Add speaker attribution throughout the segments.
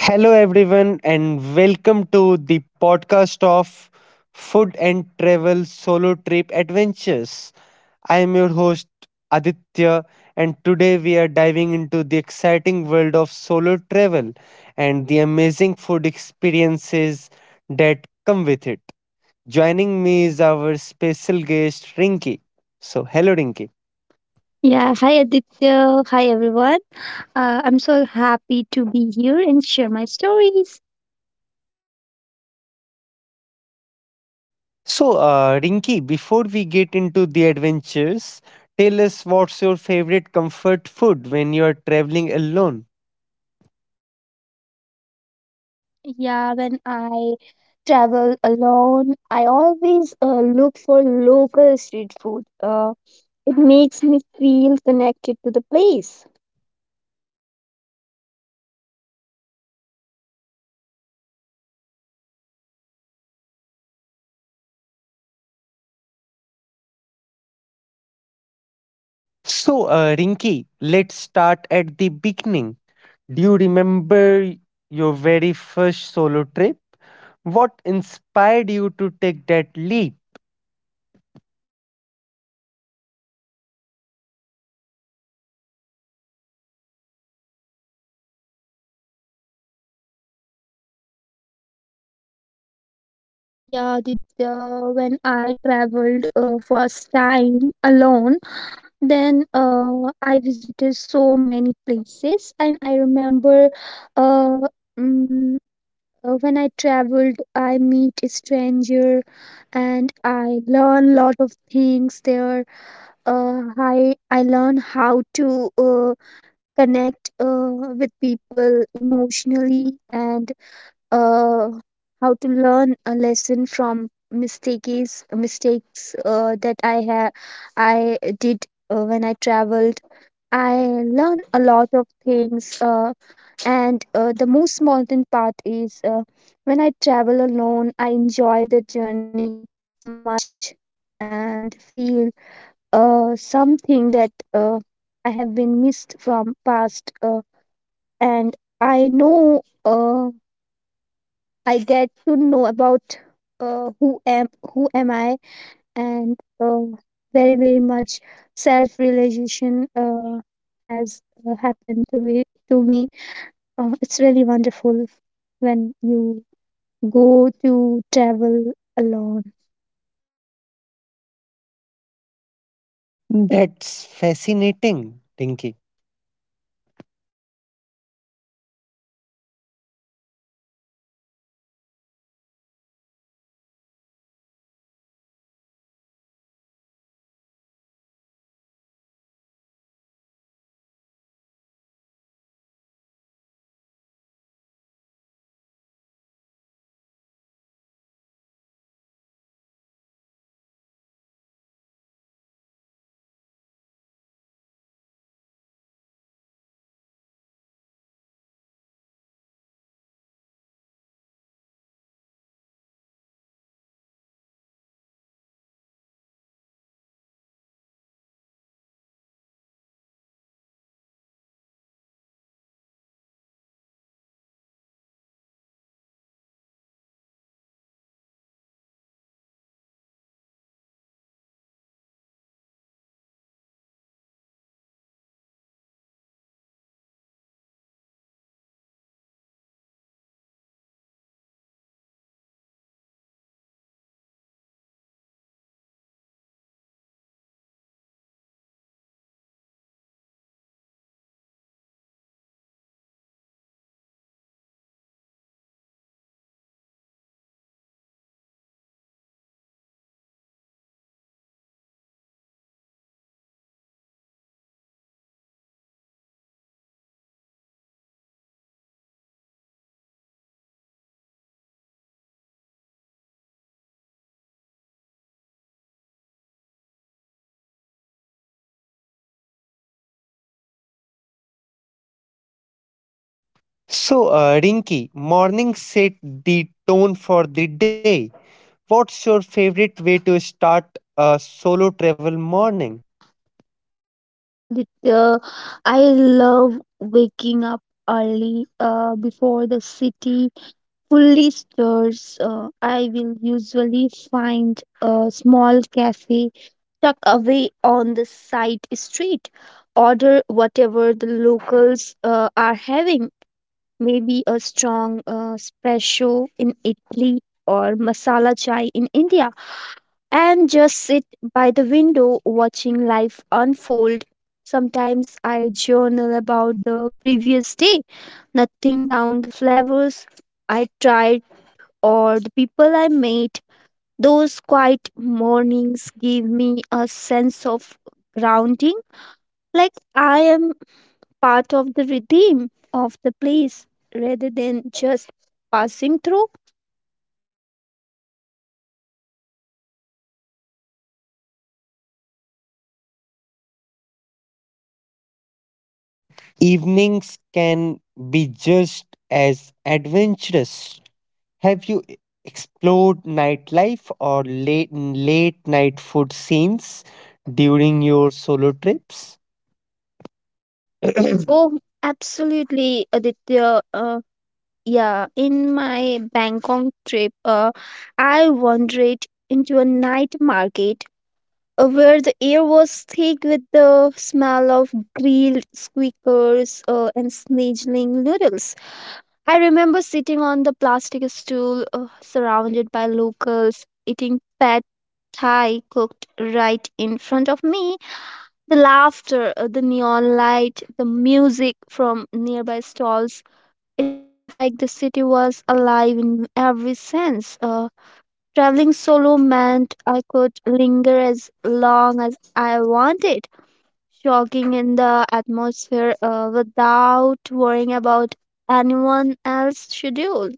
Speaker 1: Hello, everyone, and welcome to the podcast of Food and Travel Solo Trip Adventures. I am your host, Aditya, and today we are diving into the exciting world of solo travel and the amazing food experiences that come with it. Joining me is our special guest, Rinky. So, hello, Rinky.
Speaker 2: Yeah, hi Aditya. Hi everyone. I'm so happy to be here and share my stories.
Speaker 1: So, Rinki, before we get into the adventures, tell us what's your favorite comfort food when you are traveling alone.
Speaker 2: Yeah, when I travel alone, I always look for local street food. It makes me feel connected to the place.
Speaker 1: So, Rinki, let's start at the beginning. Do you remember your very first solo trip? What inspired you to take that leap?
Speaker 2: Yeah, Aditya, when I traveled first time alone, then I visited so many places, and I remember uh, mm, when I traveled, I meet a stranger and I learn lot of things there. I learn how to uh, connect with people emotionally and uh, how to learn a lesson from mistakes that I did when I traveled. I learn a lot of things. And the most mountain path is when I travel alone, I enjoy the journey so much and feel something that I have been missed from past. And I know I get to know about uh, who am who am I and very very much self realization has happened to me. It's really wonderful when you go to travel alone.
Speaker 1: That's fascinating, Rinki. So, Rinki, morning set the tone for the day. What's your favorite way to start a solo travel morning?
Speaker 2: Yeah, I love waking up early before the city fully stirs. I will usually find a small cafe tucked away on the side street, order whatever the locals are having, maybe a strong espresso in Italy or masala chai in India, and just sit by the window watching life unfold. Sometimes I journal about the previous day, nothing down the flavors I tried or the people I met. Those quiet mornings give me a sense of grounding, like I am part of the redeem of the place rather than just passing through.
Speaker 1: Evenings can be just as adventurous. Have explored nightlife or late night food scenes during your solo trips?
Speaker 2: Oh, absolutely, Aditya. Yeah, in my Bangkok trip, I wandered into a night market where the air was thick with the smell of grilled squeakers and sizzling noodles. I remember sitting on the plastic stool surrounded by locals eating pad thai cooked right in front of me. The laughter, the neon light, the music from nearby stalls, it felt like the city was alive in every sense. Traveling solo meant I could linger as long as I wanted, soaking in the atmosphere without worrying about anyone else's schedule.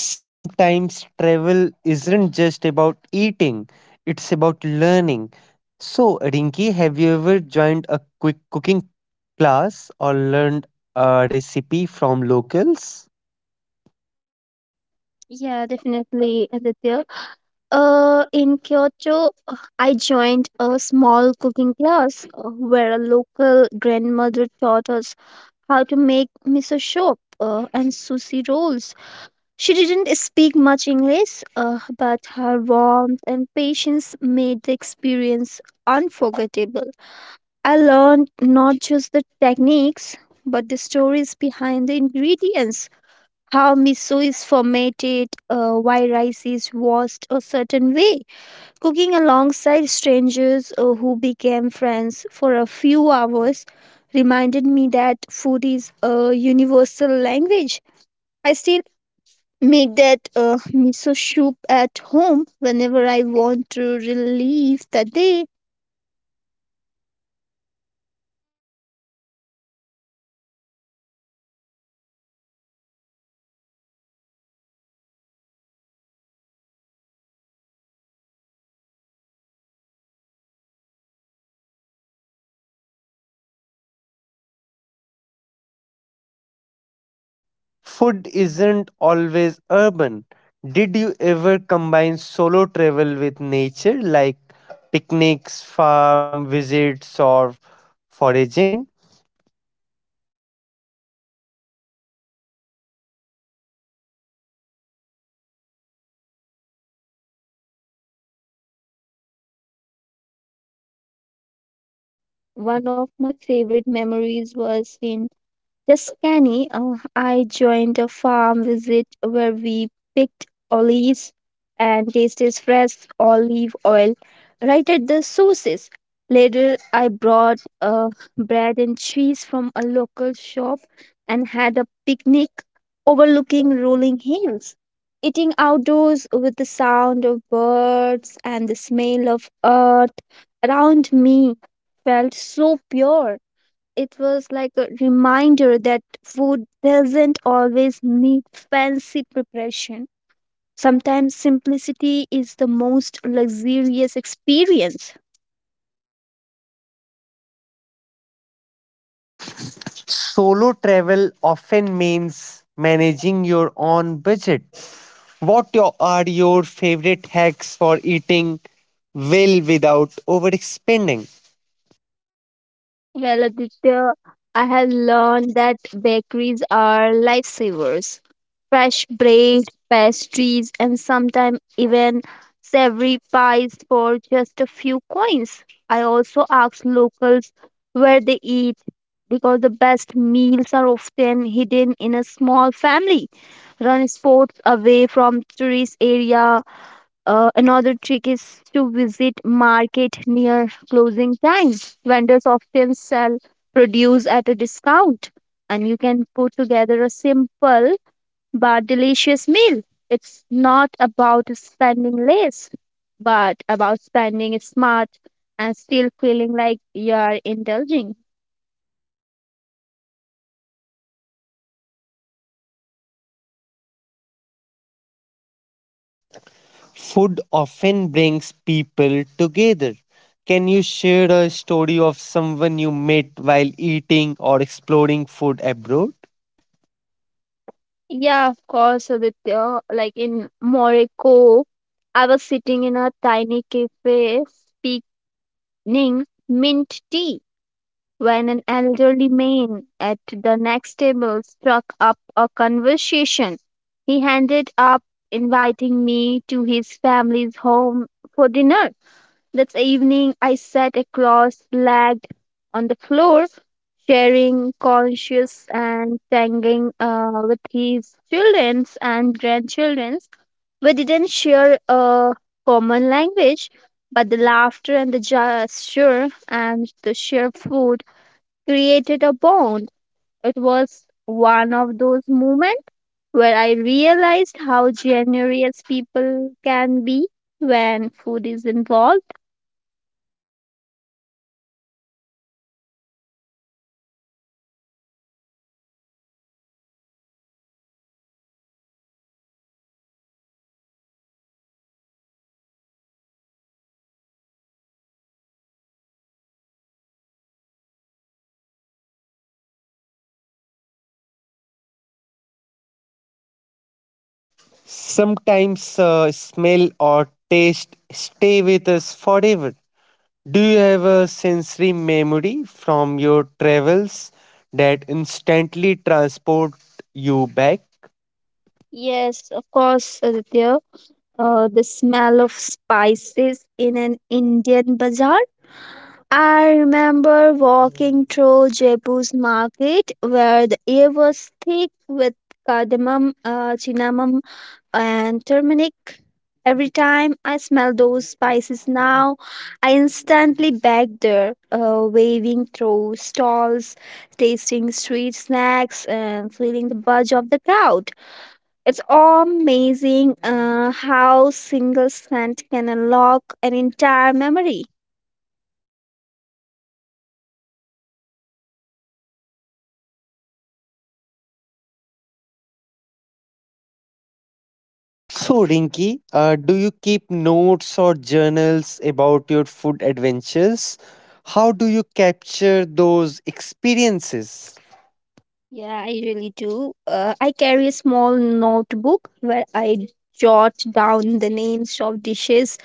Speaker 1: Sometimes travel isn't just about eating, it's about learning. So, Rinki, have you ever joined a quick cooking class or learned a recipe from locals?
Speaker 2: Yeah, definitely, Aditya. In Kyoto, I joined a small cooking class where a local grandmother taught us how to make miso soup and sushi rolls. She didn't speak much English, but her warmth and patience made the experience unforgettable. I learned not just the techniques, but the stories behind the ingredients, how miso is fermented, why rice is washed a certain way. Cooking alongside strangers who became friends for a few hours reminded me that food is a universal language. I still make that miso soup at home whenever I want to relive the day.
Speaker 1: Food isn't always urban. Did you ever combine solo travel with nature, like picnics, farm visits, or foraging?
Speaker 2: One of my favorite memories was in Yes, Kenny, I joined a farm visit where we picked olives and tasted fresh olive oil right at the sources. Later, I brought bread and cheese from a local shop and had a picnic overlooking rolling hills. Eating outdoors with the sound of birds and the smell of earth around me felt so pure, it was like a reminder that food doesn't always need fancy preparation. Sometimes simplicity is the most luxurious experience.
Speaker 1: Solo travel often means managing your own budget. Are your favorite hacks for eating well without overspending?
Speaker 2: Well, Aditya, I have learned that bakeries are lifesavers. Fresh bread, pastries, and sometimes even savory pies for just a few coins. I also ask locals where they eat because the best meals are often hidden in a small family run sports away from tourist area. Another trick is to visit market near closing time. Vendors often sell produce at a discount, and you can put together a simple but delicious meal. It's not about spending less, but about spending smart and still feeling like you are indulging.
Speaker 1: Food often brings people together. Can you share a story of someone you met while eating or exploring food abroad?
Speaker 2: Yeah, of course, Aditya. Like in Morocco, I was sitting in a tiny cafe speaking mint tea. When an elderly man at the next table struck up a conversation, he ended up inviting me to his family's home for dinner. That evening, I sat across legged on the floor, sharing conscious and singing with his children and grandchildren. We didn't share a common language, but the laughter and the gesture and the sheer food created a bond. It was one of those moments where I realized how generous people can be when food is involved.
Speaker 1: Sometimes smell or taste stay with us forever. Do you have a sensory memory from your travels that instantly transport you back?
Speaker 2: Yes, of course, Aditya. The smell of spices in an Indian bazaar. I remember walking through Jaipur's market where the air was thick with cardamom, cinnamon, and turmeric. Every time I smell those spices now, I instantly back there, waving through stalls, tasting street snacks, and feeling the buzz of the crowd. It's amazing how single scent can unlock an entire memory.
Speaker 1: So, Rinky, do you keep notes or journals about your food adventures? How do you capture those experiences?
Speaker 2: Yeah, I really do. I carry a small notebook where I jot down the names of dishes,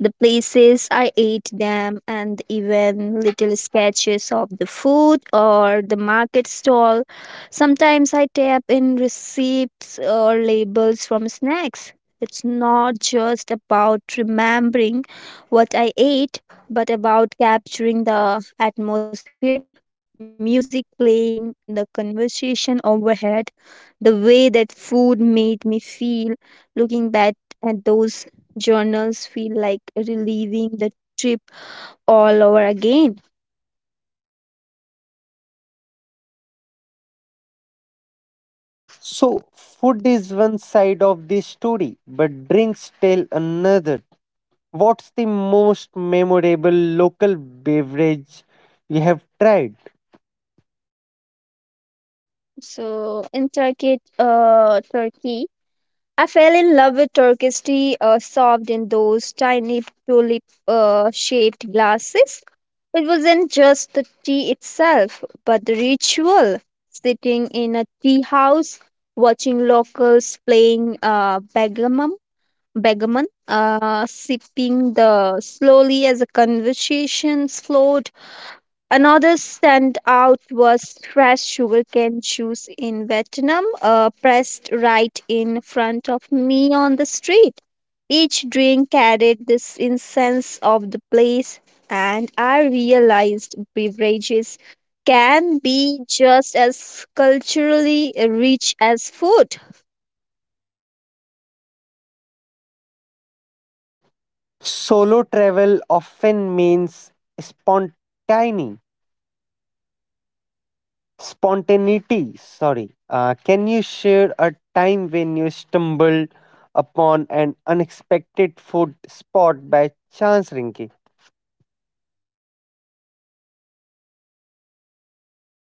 Speaker 2: the places I ate them, and even little sketches of the food or the market stall. Sometimes I tap in receipts or labels from snacks. It's not just about remembering what I ate, but about capturing the atmosphere, the music playing, the conversation overhead, the way that food made me feel. Looking back at those Journals feel like reliving the trip all over again.
Speaker 1: So, food is one side of the story, but drinks tell another. What's the most memorable local beverage you have tried?
Speaker 2: So in Turkey, I fell in love with Turkish tea served in those tiny tulip shaped glasses. It wasn't just the tea itself, but the ritual, sitting in a tea house, watching locals playing begaman, sipping the slowly as the conversations flowed. Another standout was fresh sugarcane juice in Vietnam, pressed right in front of me on the street. Each drink carried this incense of the place, and I realized beverages can be just as culturally rich as food.
Speaker 1: Solo travel often means spontaneity. Spontaneity, sorry. Can you share a time when you stumbled upon an unexpected food spot by chance, Rinki?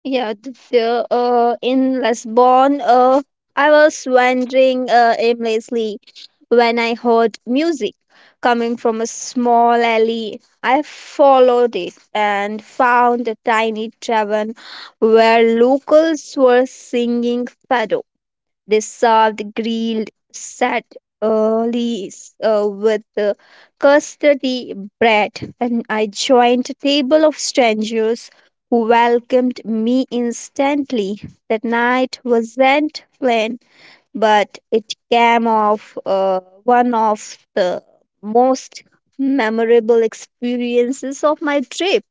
Speaker 2: Yeah, the fear in Lisbon. I was wondering aimlessly when I heard music coming from a small alley. I followed it and found a tiny tavern where locals were singing fado. They served grilled set lees, with custardy bread, and I joined a table of strangers who welcomed me instantly. That night wasn't plain, but it came off one of the most memorable experiences of my trip.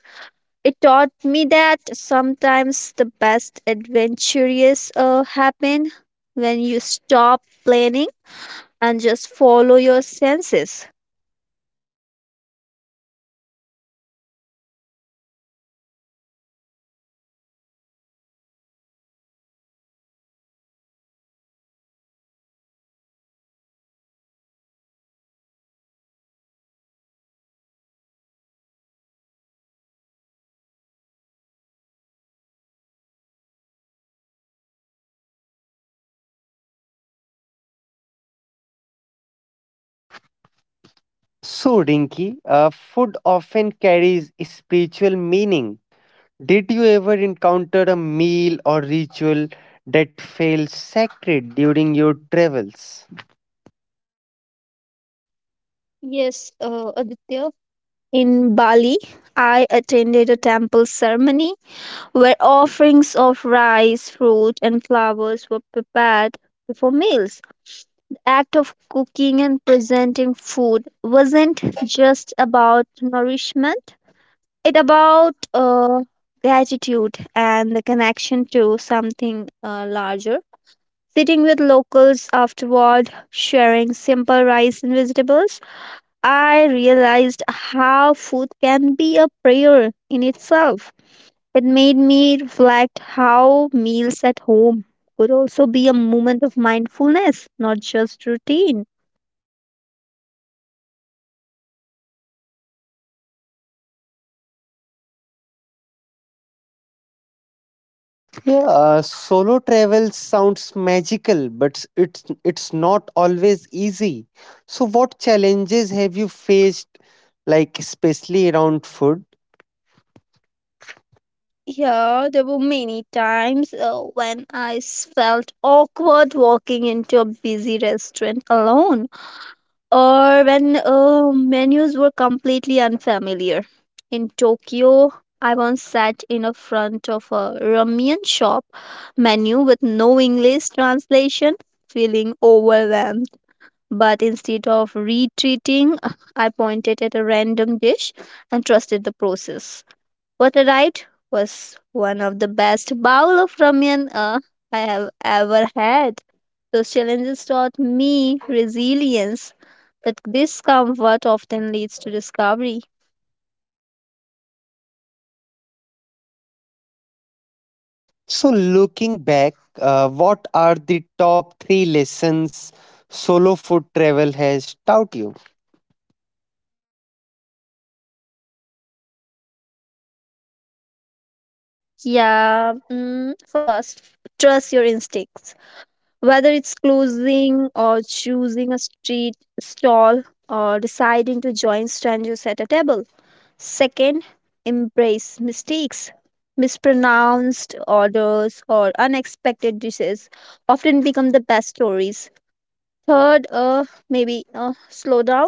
Speaker 2: It taught me that sometimes the best adventures happen when you stop planning and just follow your senses.
Speaker 1: So, Rinki, food often carries spiritual meaning. Did you ever encounter a meal or ritual that felt sacred during your travels?
Speaker 2: Yes, Aditya. In Bali, I attended a temple ceremony where offerings of rice, fruit, and flowers were prepared before meals. The act of cooking and presenting food wasn't just about nourishment, it about gratitude and the connection to something larger. Sitting with locals afterward sharing simple rice and vegetables, I realized how food can be a prayer in itself. It made me reflect how meals at home could also be a moment of mindfulness, not just routine.
Speaker 1: Yeah, solo travel sounds magical, but it's not always easy. So, what challenges have you faced, like especially around food?
Speaker 2: Yeah, there were many times when felt awkward walking into a busy restaurant alone, or when menus were completely unfamiliar. In Tokyo, I once sat in a front of a ramen shop menu with no English translation, feeling overwhelmed. But instead of retreating, I pointed at a random dish and trusted the process. What a ride, was one of the best bowl of ramen I have ever had. Those challenges taught me resilience, that discomfort often leads to discovery.
Speaker 1: So, looking back, what are the top three lessons solo food travel has taught you?
Speaker 2: Yeah, First, trust your instincts. Whether it's closing or choosing a street stall or deciding to join strangers at a table. Second, embrace mistakes. Mispronounced orders or unexpected dishes often become the best stories. Third, maybe slow down.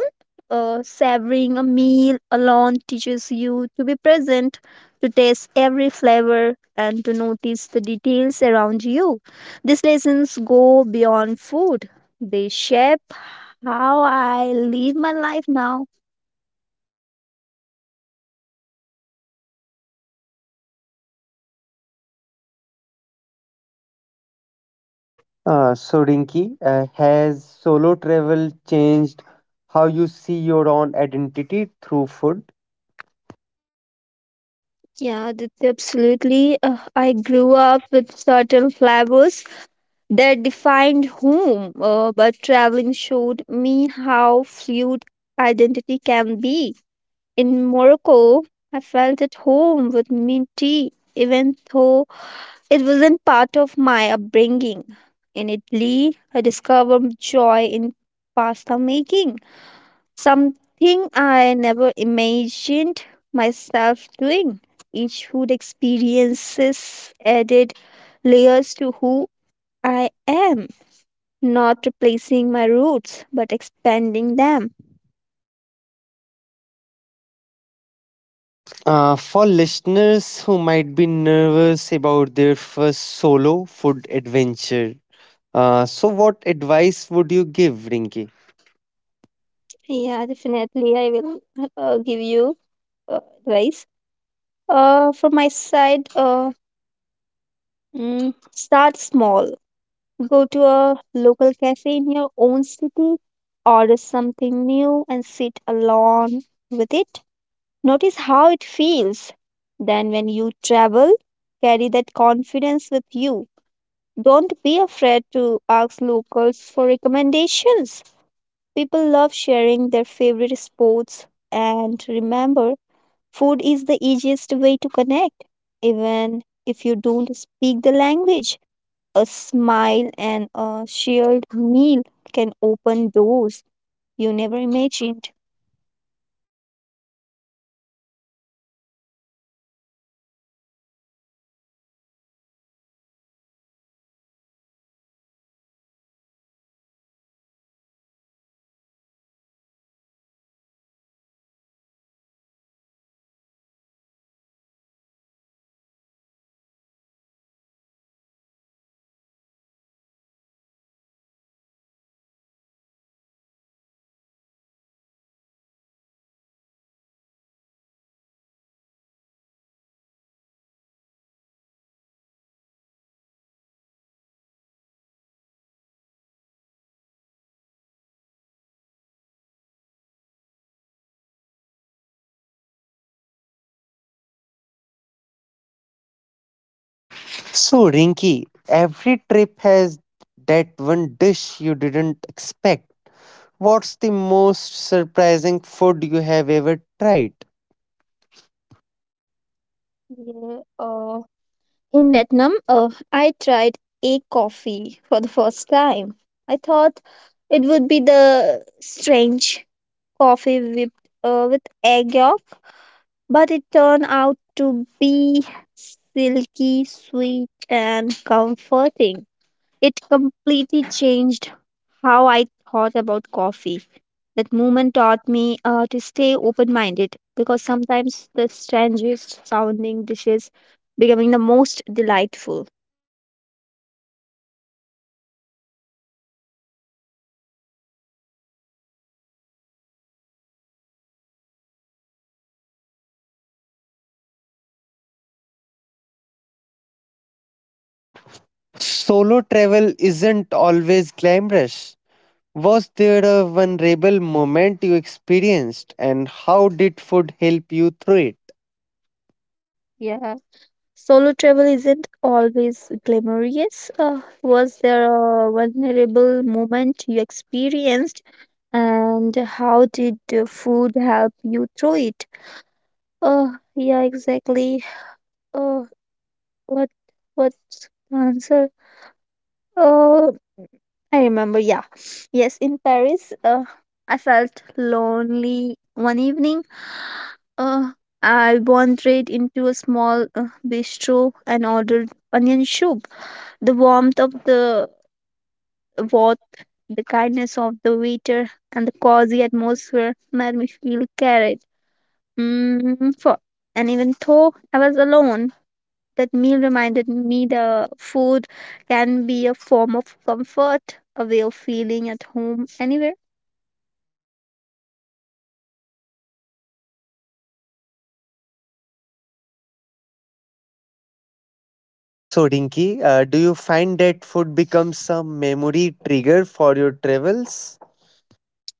Speaker 2: Savoring a meal alone teaches you to be present, to taste every flavor, and to notice the details around you. These lessons go beyond food, they shape how I live my life now.
Speaker 1: So, Rinki, has solo travel changed how you see your own identity through food?
Speaker 2: Yeah, that's absolutely. I grew up with certain flavors that defined home, but traveling showed me how fluid identity can be. In Morocco, I felt at home with mint tea, even though it wasn't part of my upbringing. In Italy, I discovered joy in pasta making. Something I never imagined myself doing. Each food experiences added layers to who I am, not replacing my roots but expanding them.
Speaker 1: For listeners who might be nervous about their first solo food adventure, so what advice would you give, Rinki?
Speaker 2: Yeah, definitely. I will give you uh, advice. From my side, mm, Start small. Go to a local cafe in your own city, order something new, and sit alone with it. Notice how it feels. Then, when you travel, carry that confidence with you. Don't be afraid to ask locals for recommendations. People love sharing their favorite spots. And remember, food is the easiest way to connect. Even if you don't speak the language, a smile and a shared meal can open doors you never imagined.
Speaker 1: So, Rinki, every trip has that one dish you didn't expect. What's the most surprising food you have ever tried?
Speaker 2: Yeah, in Vietnam, I tried a coffee for the first time. I thought it would be the strange coffee with egg yolk, but it turned out to be silky, sweet, and comforting. It completely changed how I thought about coffee. That moment taught me to stay open minded because sometimes the strangest sounding dishes becoming the most delightful.
Speaker 1: Solo travel isn't always glamorous. Was there a vulnerable moment you experienced, and how did food help you through it?
Speaker 2: Yeah, solo travel isn't always glamorous. Was there a vulnerable moment you experienced, and how did the food help you through it? Oh, yeah, exactly. Oh, what what's the answer? Oh, I remember. Yeah, yes, in Paris, I felt lonely one evening. Uh, I wandered into a small bistro and ordered onion soup. The warmth of the bath, the kindness of the waiter, and the cozy atmosphere made me feel carried for. And even though I was alone, that meal reminded me the food can be a form of comfort, a way of feeling at home anywhere.
Speaker 1: So, Rinki, do you find that food becomes a memory trigger for your travels?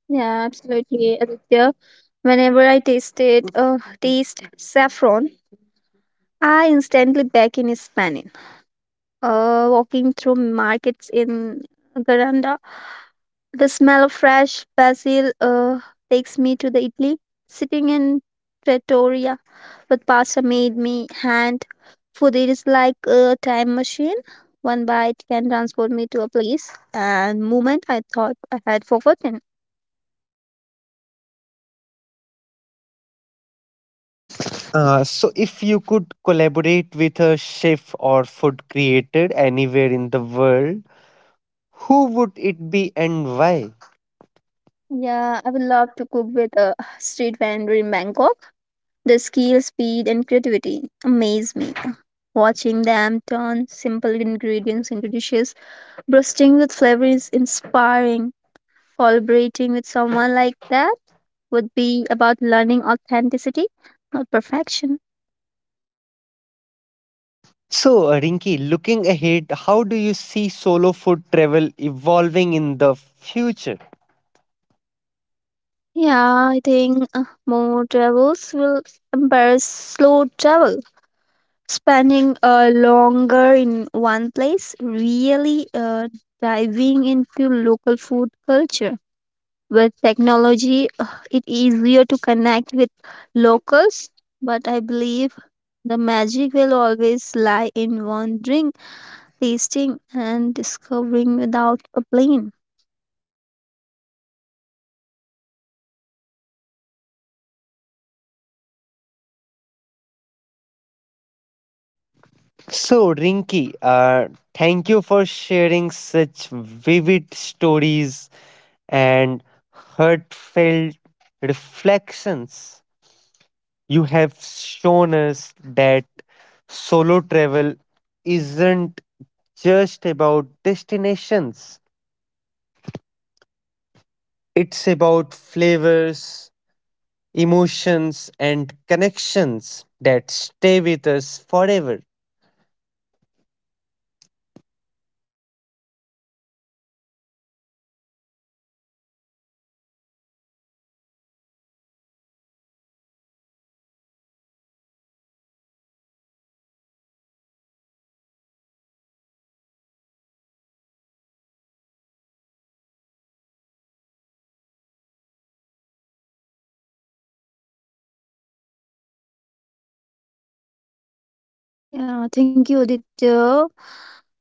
Speaker 2: Yeah, absolutely, Aditya. Whenever I taste saffron, I instantly back in Spain. Walking through markets in Garanda. The smell of fresh basil takes me to the Italy. Sitting in Pretoria with pasta made me hand food. It is like a time machine. One bite can transport me to a place and moment I thought I had forgotten.
Speaker 1: So, if you could collaborate with a chef or food creator anywhere in the world, who would it be and why?
Speaker 2: Yeah, I would love to cook with a street vendor in Bangkok. The skill, speed, and creativity amaze me. Watching them turn simple ingredients into dishes, bursting with flavor is inspiring. Collaborating with someone like that would be about learning authenticity, not perfection.
Speaker 1: So, Rinki, looking ahead, how do you see solo food travel evolving in the future?
Speaker 2: Yeah, I think more travels will embrace slow travel. Spending longer in one place, really diving into local food culture. With technology, it easier to connect with locals, but I believe the magic will always lie in wandering, tasting, and discovering without a plane.
Speaker 1: So, Rinky, thank you for sharing such vivid stories and heartfelt reflections. You have shown us that solo travel isn't just about destinations, it's about flavors, emotions, and connections that stay with us forever.
Speaker 2: Yeah, thank you, Aditya.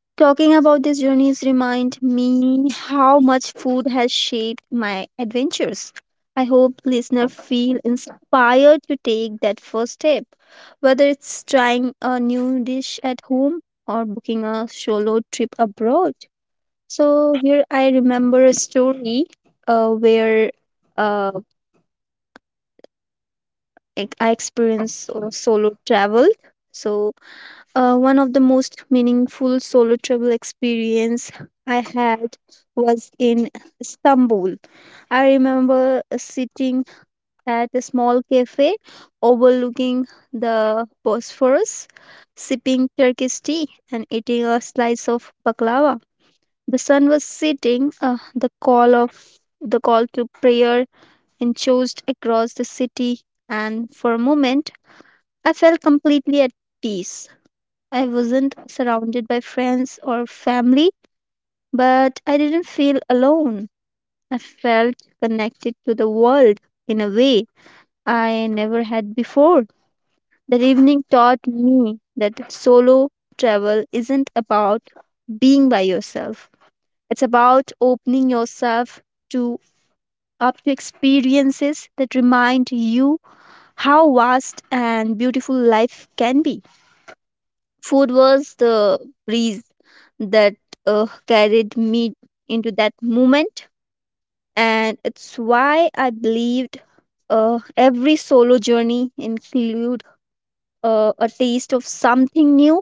Speaker 2: Talking about these journeys remind me how much food has shaped my adventures. I hope listener feel inspired to take that first step, whether it's trying a new dish at home or booking a solo trip abroad. So here I remember a story where uh, like I experienced solo travel. So One of the most meaningful solo travel experience I had was in Istanbul. I remember sitting at a small cafe overlooking the Bosphorus, sipping Turkish tea and eating a slice of baklava. The sun was setting. The call of the call to prayer echoed across the city, and for a moment, I felt completely at peace. I wasn't surrounded by friends or family, but I didn't feel alone. I felt connected to the world in a way I never had before. That evening taught me that solo travel isn't about being by yourself, it's about opening yourself to up to experiences that remind you how vast and beautiful life can be. Food was the breeze that carried me into that moment, and it's why I believed every solo journey include a taste of something new.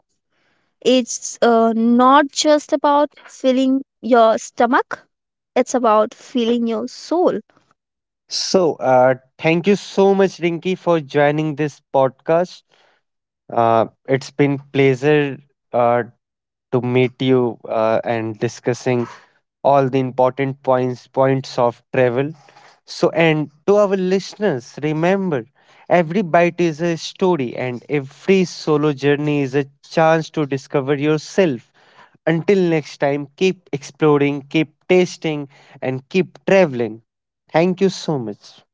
Speaker 2: It's not just about filling your stomach; it's about filling your soul.
Speaker 1: So, thank you so much, Rinky, for joining this podcast. It's been pleasure uh, to meet you and discussing all the important points of travel. So, and to our listeners, remember every bite is a story, and every solo journey is a chance to discover yourself. Until next time, keep exploring, keep tasting, and keep traveling. Thank you so much.